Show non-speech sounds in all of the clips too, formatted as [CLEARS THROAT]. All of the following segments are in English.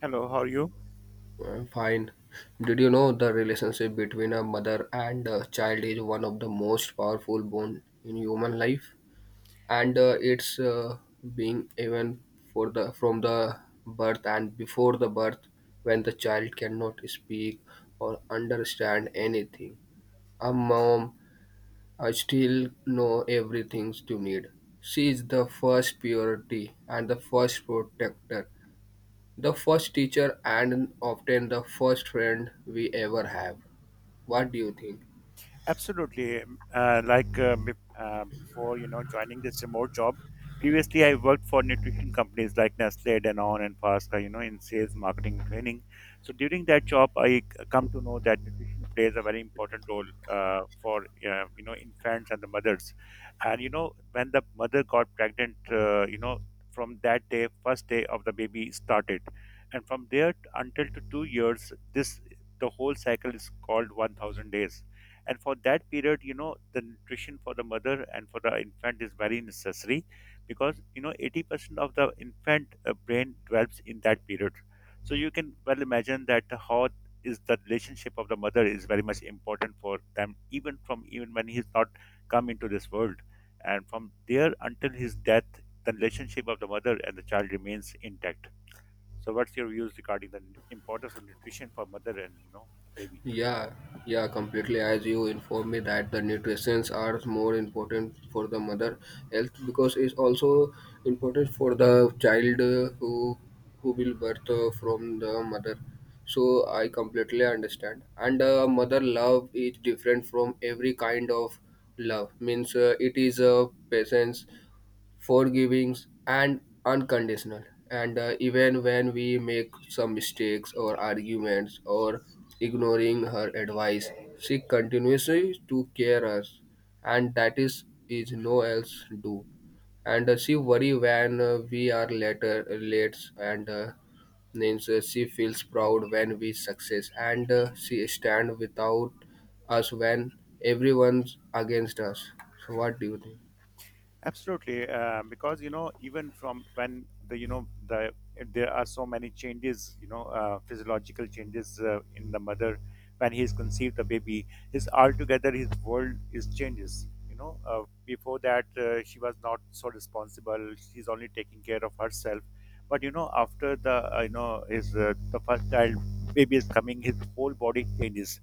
Hello, how are you? Fine. Did you know the relationship between a mother and a child is one of the most powerful bond in human life, and it's being even for the from the birth and before the birth, when the child cannot speak or understand anything. A mom, I still know everything you need. She is the first purity and the first protector, the first teacher, and often the first friend we ever have. What do you think? Absolutely. Like before, joining this remote job, previously I worked for nutrition companies like Nestle, Danone, and Pasca, in sales, marketing, training. So during that job, I come to know that nutrition plays a very important role for, infants and the mothers. And, when the mother got pregnant, from that day, first day of the baby started. And from there until to 2 years, this the whole cycle is called 1,000 days, and for that period, the nutrition for the mother and for the infant is very necessary, because, 80% of the infant brain develops in that period. So you can well imagine that how is the relationship of the mother is very much important for them, even from, even when he's not come into this world, and from there until his death the relationship of the mother and the child remains intact. So what's your views regarding the importance of nutrition for mother and, baby? Yeah, yeah, completely. As you informed me that the nutritions are more important for the mother health, because it's also important for the child, who will birth from the mother. So I completely understand. And mother love is different from every kind of love. Means it is a patience, forgiving, and unconditional, and even when we make some mistakes or arguments or ignoring her advice, she continuously to care us, and that is no else do. And she worry when we are later late, and means she feels proud when we success, and she stand without us when everyone's against us. So what do you think? Absolutely, because, even from when there are so many changes, physiological changes in the mother when he is conceived, the baby, his altogether his world is changes. Before that, she was not so responsible; she's only taking care of herself. But, after the you know his the first child baby is coming, his whole body changes.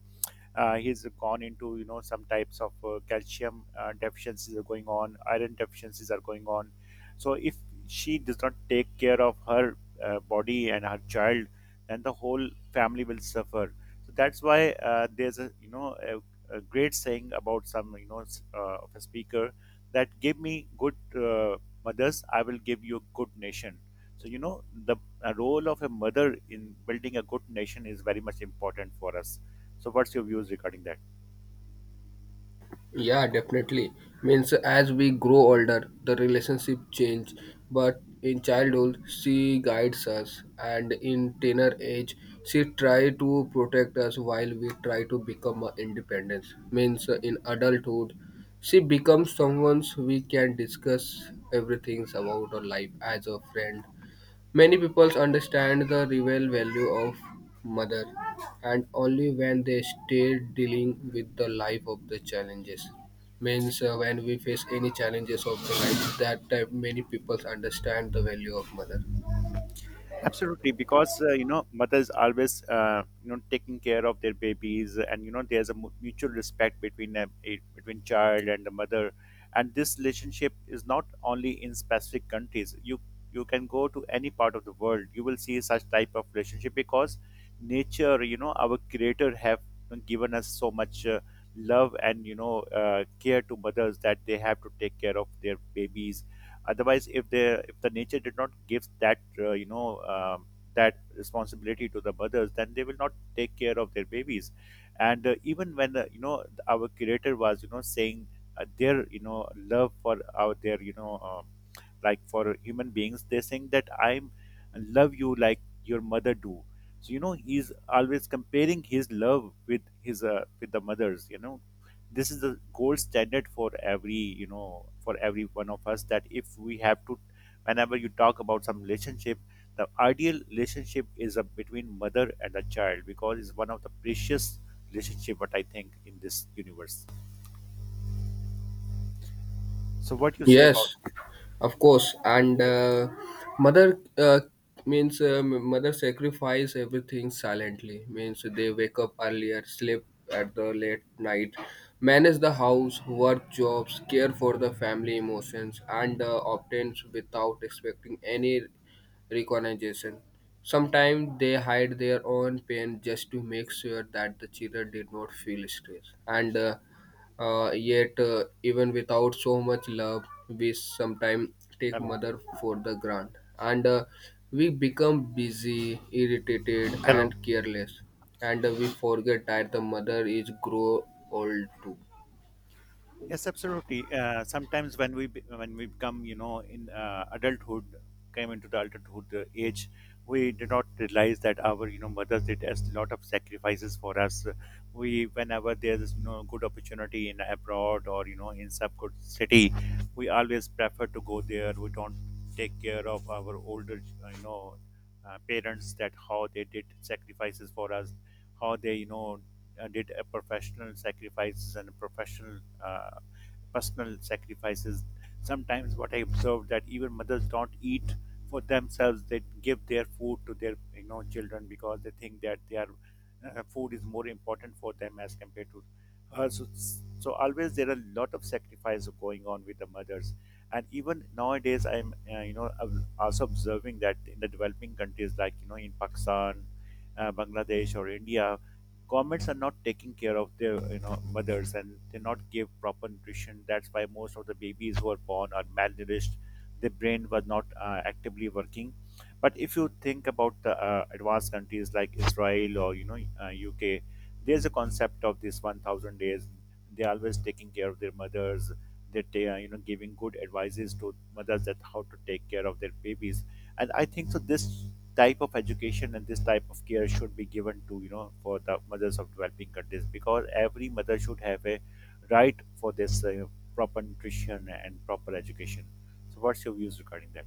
He's gone into, some types of calcium deficiencies are going on, iron deficiencies are going on. So if she does not take care of her body and her child, then the whole family will suffer. So that's why, there's a, a great saying about some, of a speaker, that give me good, uh, mothers, I will give you a good nation. So, the role of a mother in building a good nation is very much important for us. So, what's your views regarding that? Yeah, definitely. Means as we grow older, the relationship change, but in childhood she guides us, and in teenage age she try to protect us while we try to become a independence. Means in adulthood she becomes someone we can discuss everything about our life as a friend. Many people understand the real value of mother, and only when they start dealing with the life of the challenges. Means when we face any challenges of the life, that time many people understand the value of mother. Absolutely, because mothers always, taking care of their babies, and, there's a mutual respect between between child and the mother, and this relationship is not only in specific countries. You can go to any part of the world, you will see such type of relationship because nature, our Creator have given us so much. Love and, care to mothers that they have to take care of their babies. Otherwise, if the nature did not give that, that responsibility to the mothers, then they will not take care of their babies. And, even when, our Creator was, saying, their, love for our their, like for human beings, they're saying that I'm love you like your mother do. So, he's always comparing his love with his, with the mothers. This is the gold standard for every, for every one of us, that if we have to, whenever you talk about some relationship, the ideal relationship is a, between mother and a child, because it's one of the precious relationship what I think in this universe. So what you say about? Yes, of course, and mother uh, mother sacrifice everything silently. Means they wake up earlier, sleep at the late night, manage the house, work jobs, care for the family emotions, and obtains without expecting any recognition. Sometimes they hide their own pain just to make sure that the children did not feel stress. And yet, even without so much love, we sometimes take Hello. mother for the grant, and we become busy, irritated, Hello. and careless, and we forget that the mother is grow old too. Yes, absolutely. Sometimes when we when we become, in, adulthood, came into the adulthood age, we did not realize that our, mothers did a lot of sacrifices for us. We, whenever there's, good opportunity in abroad or, in some good city, we always prefer to go there. We don't take care of our older, parents, that how they did sacrifices for us, how they, did a professional sacrifices and professional personal sacrifices. Sometimes what I observed that even mothers don't eat for themselves; they give their food to their, children, because they think that their food is more important for them as compared to her. So, always there are a lot of sacrifices going on with the mothers. And even nowadays, I'm, you know ob- also observing that in the developing countries like, in Pakistan, Bangladesh or India, governments are not taking care of their, mothers, and they not give proper nutrition. That's why most of the babies who are born are malnourished; their brain was not actively working. But if you think about the advanced countries like Israel or, UK, there's a concept of this 1,000 days. They're always taking care of their mothers, that they are, giving good advices to mothers, that how to take care of their babies. And I think so, this type of education and this type of care should be given to, for the mothers of developing countries, because every mother should have a right for this, proper nutrition and proper education. So what's your views regarding that?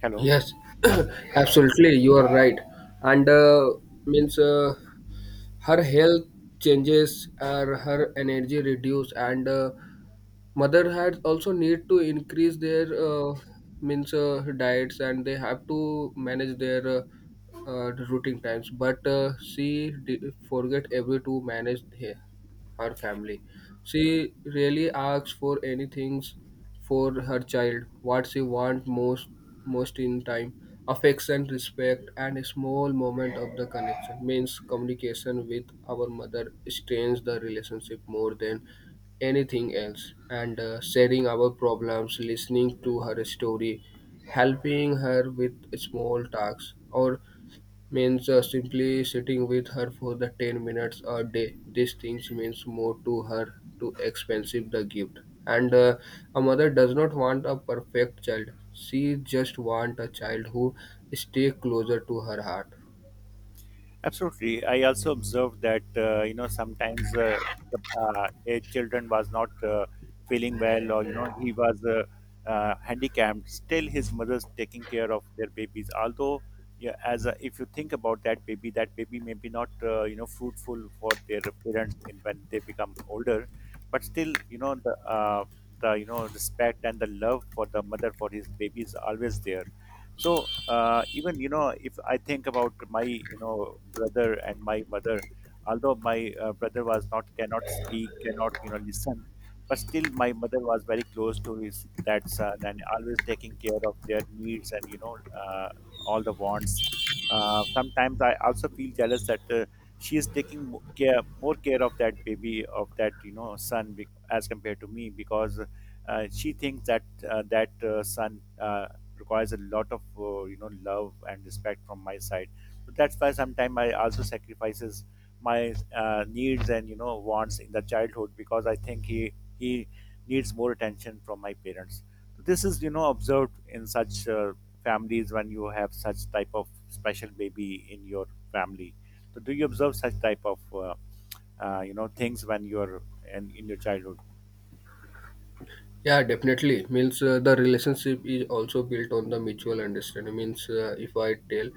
Hello. Yes, [COUGHS] [CLEARS THROAT] absolutely, you are right, and means her health changes, or her energy reduce, and mother had also need to increase their means diets, and they have to manage their routing times, but she di forget every to manage her, her family. She really asks for anything for her child, what she want most, most in time: affection, respect, and a small moment of the connection. Means communication with our mother strains the relationship more than anything else, and sharing our problems, listening to her story, helping her with small tasks, or means simply sitting with her for the 10 minutes a day. These things means more to her to expensive the gift. And a mother does not want a perfect child. She just want a child who stay closer to her heart. Absolutely. I also observed that, sometimes, the a children was not, feeling well, or, he was, handicapped. Still, his mother's taking care of their babies. Although, yeah, as a, if you think about that baby may be not, fruitful for their parents in when they become older, but still, the the, respect and the love for the mother for his baby is always there. So, even, if I think about my, brother and my mother, although my brother was not, cannot speak, cannot, listen, but still my mother was very close to his that son, and always taking care of their needs and, all the wants. Sometimes I also feel jealous that, she is taking mo- care more care of that baby, of that, son, as compared to me, because she thinks that, son, requires a lot of, love and respect from my side. So that's why sometimes I also sacrifices my needs and, wants in the childhood, because I think he needs more attention from my parents. So this is, observed in such families, when you have such type of special baby in your family. So do you observe such type of, things when you're in your childhood? Yeah, definitely. Means the relationship is also built on the mutual understanding. Means if I tell,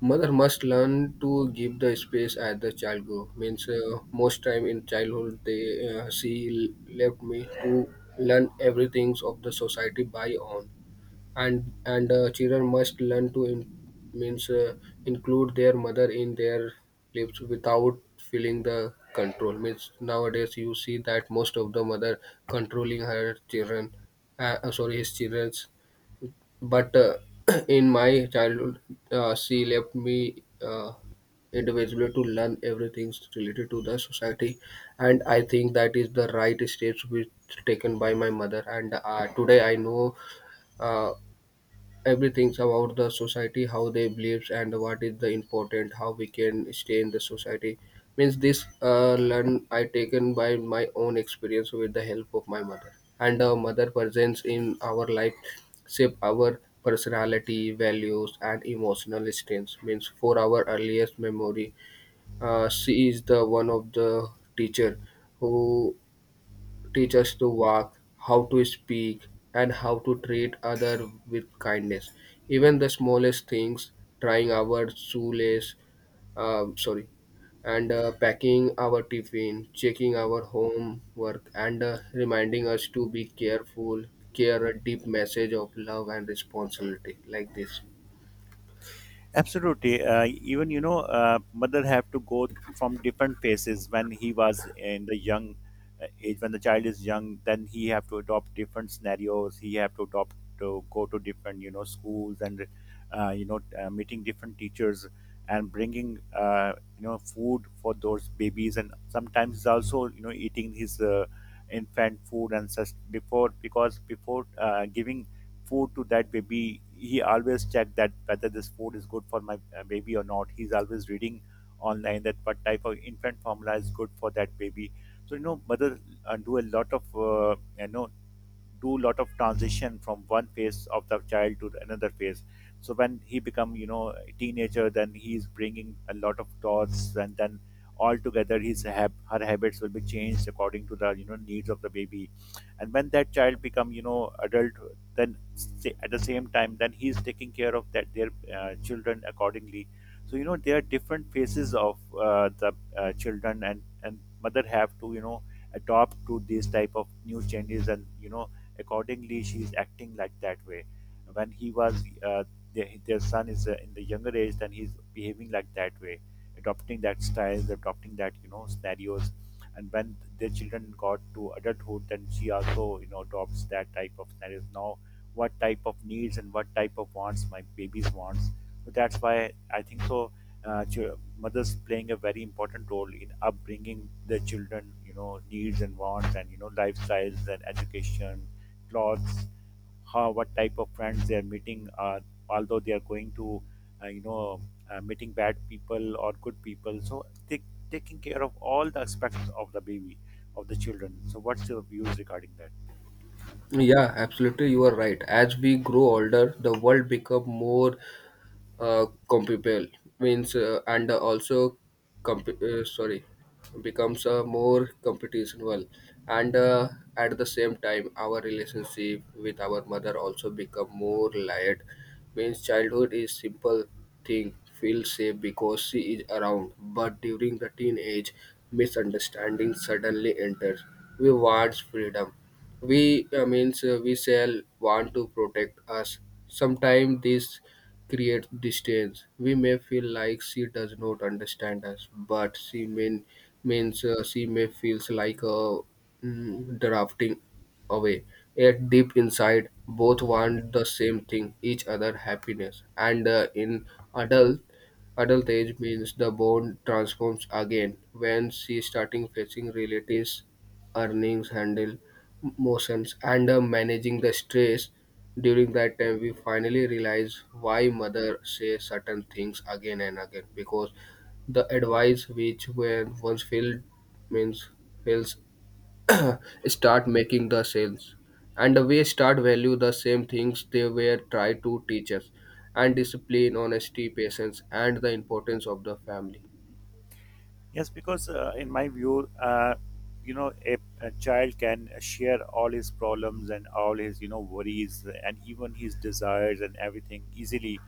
mother must learn to give the space as the child grow. Means most time in childhood they she left me to learn everything of the society by own, and children must learn to in, means include their mother in their lives without feeling the control. Means nowadays you see that most of the mother controlling her children, sorry, his children, but [CLEARS THROAT] in my childhood, she left me individually to learn everything related to the society, and I think that is the right steps which taken by my mother. And today I know. Uh, Everything's about the society, how they believes and what is the important, how we can stay in the society. Means this learn I taken by my own experience with the help of my mother. And mother presence in our life shape our personality, values, and emotional strengths. Means for our earliest memory, she is the one of the teacher who teach us to walk, how to speak, and how to treat other with kindness. Even the smallest things: trying our shoelace, sorry, and packing our tiffin, checking our homework, and reminding us to be careful, care a deep message of love and responsibility like this. Absolutely. Even, mother have to go from different phases when he was in the young age. When the child is young, then he have to adopt different scenarios. He have to adopt to go to different, schools, and, meeting different teachers, and bringing, food for those babies, and sometimes he's also, eating his infant food and such before, because before, giving food to that baby, he always check that whether this food is good for my baby or not. He's always reading online that what type of infant formula is good for that baby. So, mothers do a lot of, do lot of transition from one phase of the child to another phase. So when he become, a teenager, then he is bringing a lot of thoughts, and then altogether his her habits will be changed according to the, needs of the baby. And when that child become, adult, then, at the same time, then he is taking care of that their children accordingly. So, there are different phases of, the children, and mother have to, adopt to these type of new changes, and, accordingly she is acting like that way. When he was, their son is, in the younger age, then he's behaving like that way, adopting that style, adopting that, scenarios. And when their children got to adulthood, then she also, adopts that type of scenarios. Now what type of needs and what type of wants my babies wants. So that's why I think so, mothers playing a very important role in upbringing the children, needs and wants, and, lifestyles and education, clothes, how what type of friends they are meeting. Although they are going to, uh, you know, meeting bad people or good people, so they taking care of all the aspects of the baby, of the children. So what's your views regarding that? Yeah, absolutely, you are right. As we grow older, the world become more compatible, means and also comp- sorry becomes a more competitional, and at the same time our relationship with our mother also become more layered. Means childhood is simple thing, feel safe because she is around, but during the teenage misunderstanding suddenly enters. We want freedom, we means we shall want to protect us. Sometimes this creates distance. We may feel like she does not understand us, but she mean, means she may feels like a drafting away. Yet deep inside, both want the same thing: each other happiness. And in adult adult age, means the bond transforms again when she starting facing realities, earnings, handle emotions, and managing the stress. During that time, we finally realized why mother say certain things again and again, because the advice which were once failed means fails, [COUGHS] [CLEARS THROAT] start making the sales, and we start value the same things they were try to teach us: and discipline, honesty, patience, and the importance of the family. Yes, because in my view, a child can share all his problems and all his, worries and even his desires and everything easily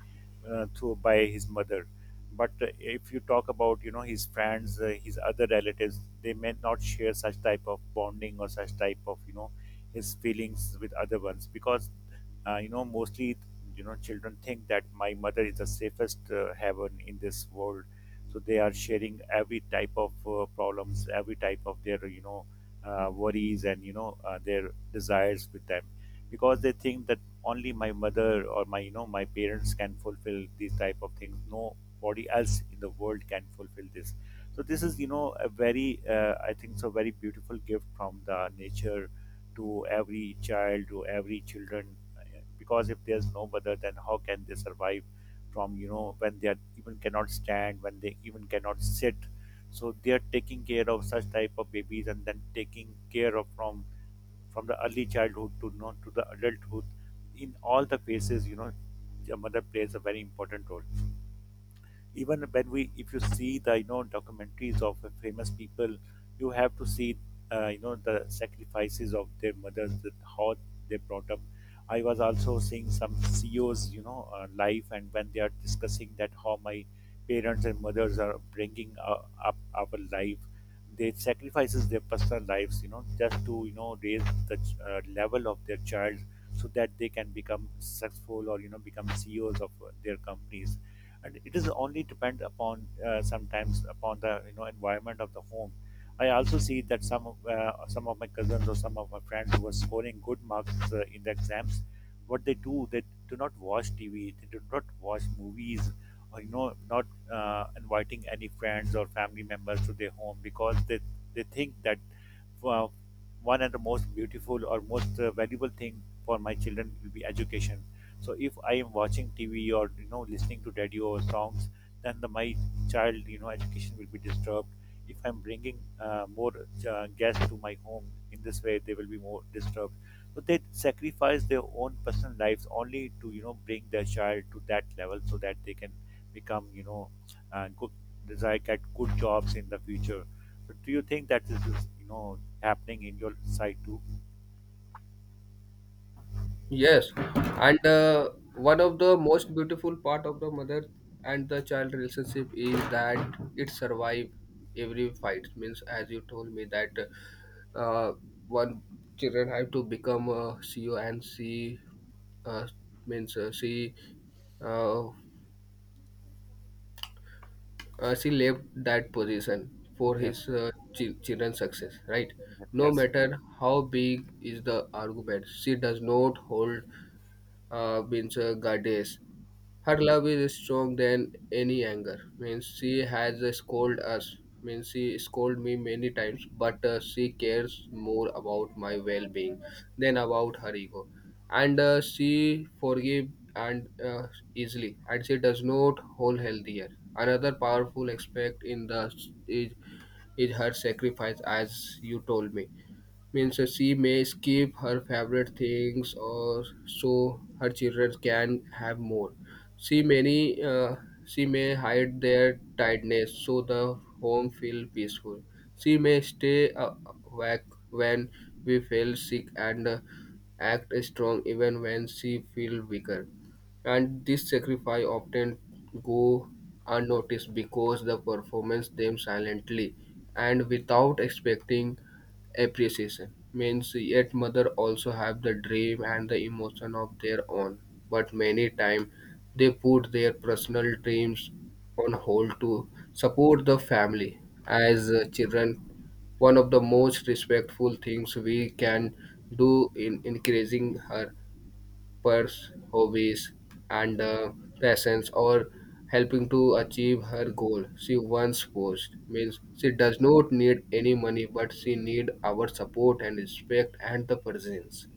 through by his mother. But if you talk about, his friends, his other relatives, they may not share such type of bonding or such type of, his feelings with other ones because, mostly, children think that my mother is the safest heaven in this world, so they are sharing every type of problems, every type of their worries and their desires with them, because they think that only my mother or my my parents can fulfill these type of things, nobody else in the world can fulfill this. So this is a very I think so very beautiful gift from the nature to every child, to every children, because if there's no mother, then how can they survive from, when they are even cannot stand, when they even cannot sit. So they are taking care of such type of babies and then taking care of from the early childhood to not to the adulthood. In all the phases, the mother plays a very important role. Even when we, if you see the documentaries of the famous people, you have to see the sacrifices of their mothers, that how they brought up. I was also seeing some ceos life, and when they are discussing that how my parents and mothers are bringing up our life, they sacrifices their personal lives, just to raise the level of their child, so that they can become successful or become ceos of their companies. And it is only depend upon sometimes upon the environment of the home. I also see that some of my cousins or some of my friends who are scoring good marks in the exams, what they do, they do not watch tv, they do not watch movies, or not inviting any friends or family members to their home, because they think that, uh, one of the most beautiful or most valuable thing for my children will be education. So if I am watching tv or listening to radio or songs, then my child education will be disturbed. If I'm bringing more guests to my home, in this way they will be more disturbed. So they sacrifice their own personal lives only to bring their child to that level so that they can become good desire, get good jobs in the future. But do you think that this is happening in your side too? Yes, and one of the most beautiful part of the mother and the child relationship is that it survive every fight. Means, as you told me that uh, one children have to become a CEO, and she uh, means uh, she left that position for his Yes. Chi- children's success. Right? No Yes. matter how big is the argument, she does not hold means goddess her love is strong than any anger. Means she has scolded us. Means she scolded me many times, but she cares more about my well-being than about her ego. And she forgive, and easily, and she does not hold healthier. Another powerful aspect in the is, is her sacrifice, as you told me. Means she may skip her favorite things or so her children can have more. she many uh, she may hide their tiredness so the home feel peaceful. She may stay awake when we feel sick, and act strong even when she feel weaker. And this sacrifice often go unnoticed because the performance them silently and without expecting appreciation. Means yet mother also have the dream and the emotion of their own, but many time they put their personal dreams on hold to support the family. As children, one of the most respectful things we can do in encouraging her purse, hobbies, and passions, or helping to achieve her goal. She once posed, means she does not need any money, but she need our support and respect and the presence.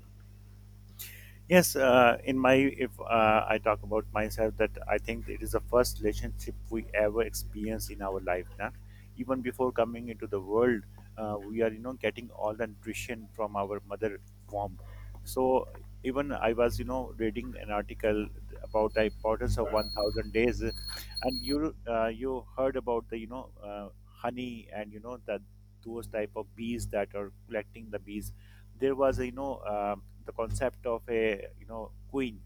Yes, in my, if I talk about myself, that I think it is the first relationship we ever experience in our life. Nah? Even before coming into the world, we are getting all the nutrition from our mother womb. So even I was reading an article about the importance of 1,000 days, and you you heard about the honey, and you know that those type of bees that are collecting the bees, there was the concept of a queen.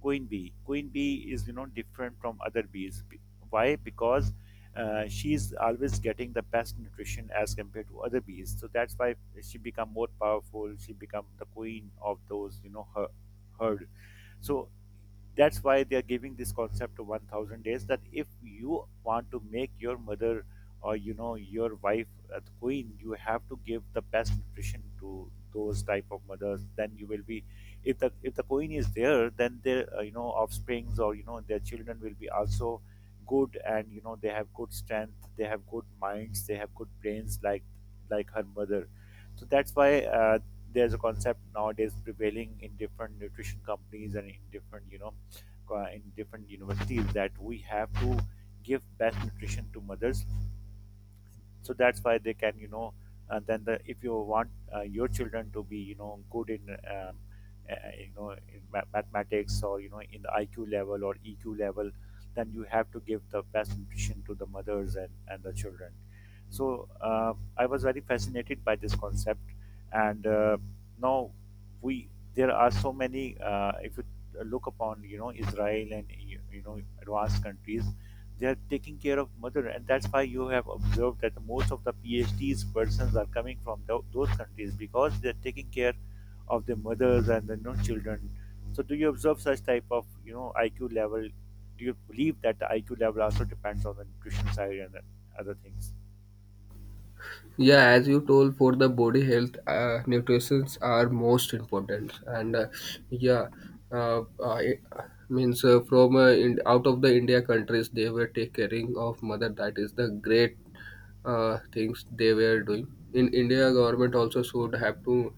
Queen bee is different from other bees. Why? Because she is always getting the best nutrition as compared to other bees, so that's why she become more powerful, she become the queen of those herd. So that's why they are giving this concept of 1000 days, that if you want to make your mother or your wife a queen, you have to give the best nutrition to those type of mothers, then you will be, if the queen is there, then their offsprings or their children will be also good, and they have good strength, they have good minds, they have good brains like her mother. So that's why there's a concept nowadays prevailing in different nutrition companies and in different in different universities, that we have to give best nutrition to mothers, so that's why they can and then if you want your children to be good in in mathematics or in the iq level or eq level, then you have to give the best nutrition to the mothers and the children. So I was very fascinated by this concept. And now we there are so many if you look upon israel and you know advanced countries, they are taking care of mother, and that's why you have observed that most of the phds persons are coming from those countries, because they're taking care of their mothers and their non children. So do you observe such type of iq level? Do you believe that the iq level also depends on the nutrition side and the other things? Yeah, as you told for the body health, nutritions are most important. And yeah, I means from in, out of the india countries they were take caring of mother, that is the great things they were doing. In india, government also should have to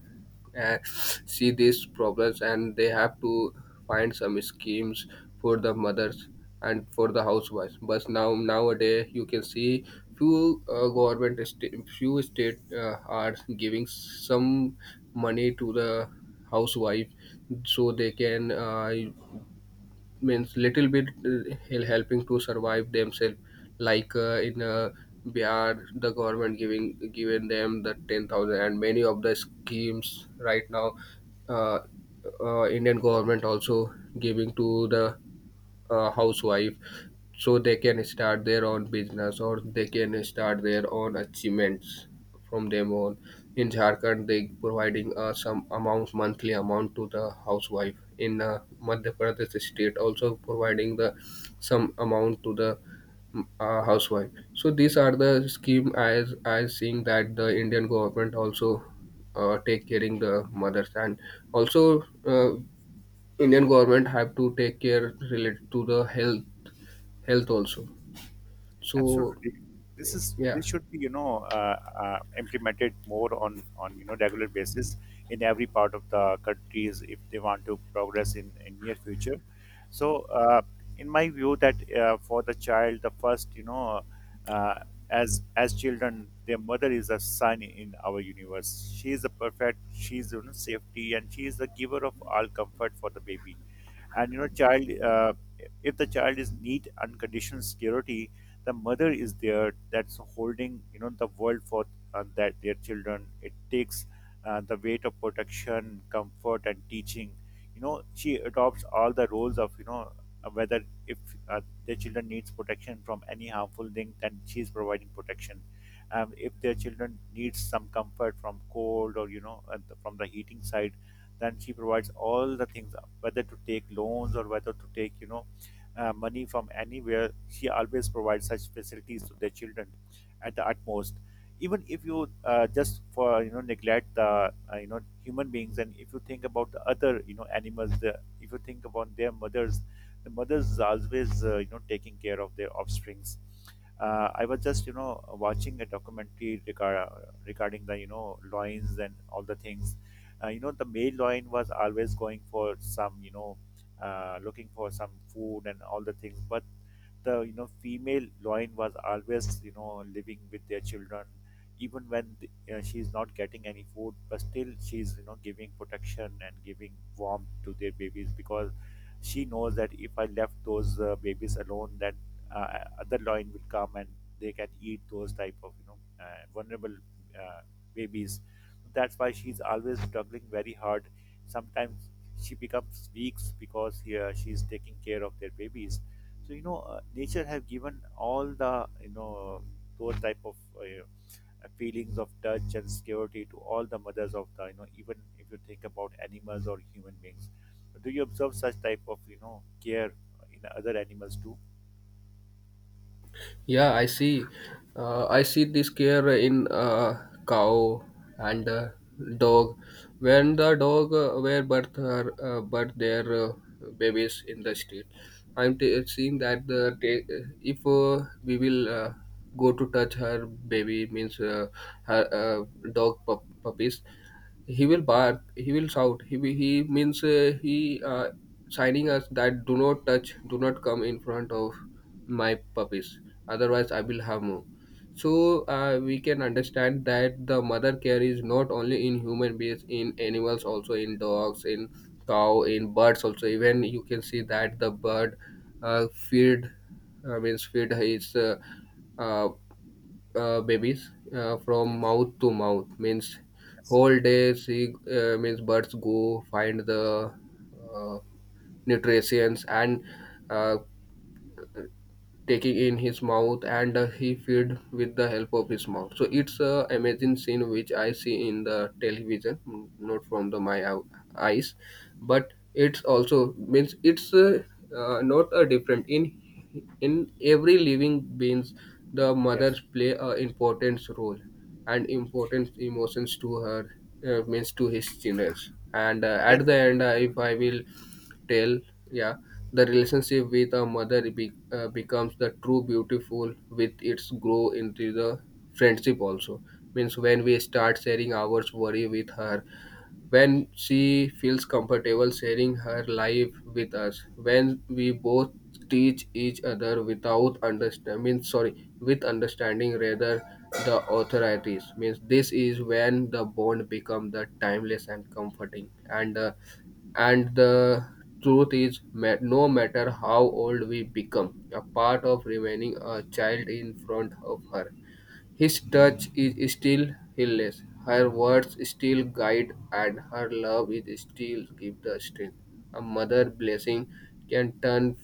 uh, see these problems, and they have to find some schemes for the mothers and for the housewives. But now nowadays you can see few few state are giving some money to the housewife, so they can means little bit helping to survive themselves. Like in bihar, the government giving given them the 10,000 and many of the schemes right now. uh, indian government also giving to the housewife, so they can start their own business or they can start their own achievements from them on. In jharkhand they providing some amount, monthly amount to the housewife. In madhya pradesh state also providing the some amount to the housewife. So these are the scheme as I seeing that the indian government also take caring the mothers. And also Indian government have to take care related to the health, health also. So Absolutely. Yeah, This should be implemented more on regular basis in every part of the countries if they want to progress in near future. So in my view that for the child the first uh, as children, their mother is a sun in our universe. She is the perfect. She is safety, and she is the giver of all comfort for the baby and child. If the child is need unconditional security, the mother is there, that's holding the world for that their children. It takes the weight of protection, comfort and teaching, she adopts all the roles of whether if their children needs protection from any harmful thing, then she is providing protection. If their children needs some comfort from cold or from the heating side, then she provides all the things, whether to take loans or whether to take money from anywhere, she always provides such facilities to their children at the utmost. Even if you just for neglect the human beings, and if you think about the other animals, if you think about their mothers, the mothers is always taking care of their offsprings. I was just watching a documentary regarding the loins and all the things. The male lion was always going for some looking for some food and all the things, but the female lion was always living with their children. Even when she's not getting any food, but still she's giving protection and giving warmth to their babies, because she knows that if I left those babies alone, that other lion will come and they can eat those type of vulnerable uh, babies. That's why she's always struggling very hard. Sometimes she becomes weak because here she's taking care of their babies. So nature have given all the those type of feelings of touch and security to all the mothers of the, even if you think about animals or human beings. Do you observe such type of care in other animals too? yeah, I see this care in cow and dog. When the dog were birth her, birth their babies in the street, I'm t- seeing that the ta- if we will. Go to touch her baby, means her dog pup- puppies, he will bark, he will shout, he will- he signing us that do not touch, do not come in front of my puppies, otherwise I will harm you. So we can understand that the mother care is not only in human beings, in animals also, in dogs, in cow, in birds also. Even you can see that the bird uh, feed feed his uh, babies from Yes, mouth to mouth. Means yes. whole day see, means birds go find the uh, nutrients and uh, taking in his mouth, and he feed with the help of his mouth. So it's a amazing scene which I see in the television, not from the my ou- eyes. But it's also, means it's not a different in every living beings, the mothers Yes. play a important role and important emotions to her, means to his children. And Yes. at the end, if I will tell, yeah, the relationship with a mother becomes the true beautiful with its grow into the friendship also. Means when we start sharing our worry with her, when she feels comfortable sharing her life with us, when we both teach each other without understand means sorry with understanding rather the authorities, means this is when the bond become the timeless and comforting. And and the truth is, ma- no matter how old we become, a part of remaining a child in front of her. His touch is still healless, her words still guide, and her love is still give the strength. A mother blessing can turn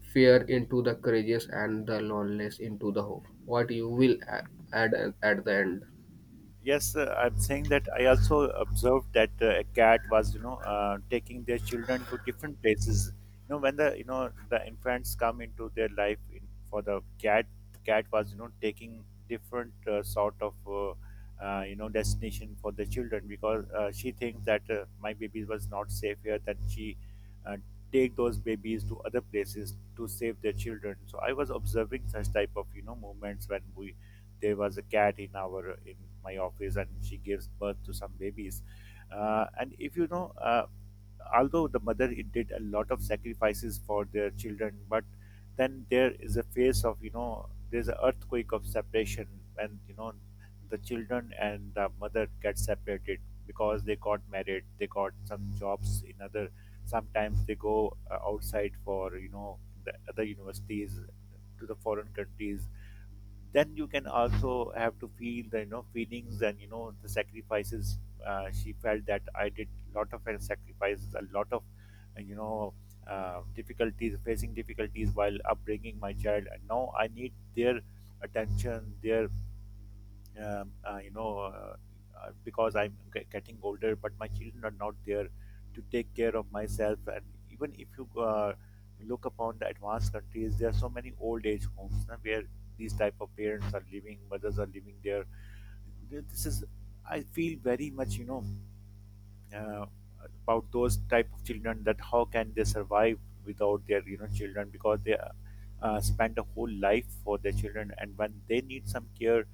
fear into the courageous and the loneliness into the hope. What you will a- add at the end. Yes, I'm saying that I also observed that a cat was, taking their children to different places. You know, when the the infants come into their life for the cat, cat was taking different sort of destination for the children, because she thinks that my baby was not safe here. That she uh, take those babies to other places to save their children. So I was observing such type of movements when we, there was a cat in our in my office, and she gives birth to some babies. And if you know although the mother it did a lot of sacrifices for their children, but then there is a phase of there's an earthquake of separation, and the children and the mother get separated, because they got married, they got some jobs in other, sometimes they go outside for the other universities, to the foreign countries. Then you can also have to feel the feelings and the sacrifices. She felt that I did a lot of sacrifices, a lot of uh, you know difficulties, facing difficulties while upbringing my child, and now I need their attention, their um, uh, you know, uh, because I'm getting older, but my children are not there to take care of myself. And even if you look upon the advanced countries, there are so many old age homes na, where these type of parents are living, mothers are living there. This is, I feel very much, uh, about those type of children, that how can they survive without their children, because they spend a whole life for their children, and when they need some care,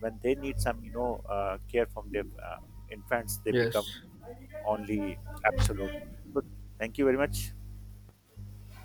when they need some care from their infants, they Yes. become only absolute. So thank you very much.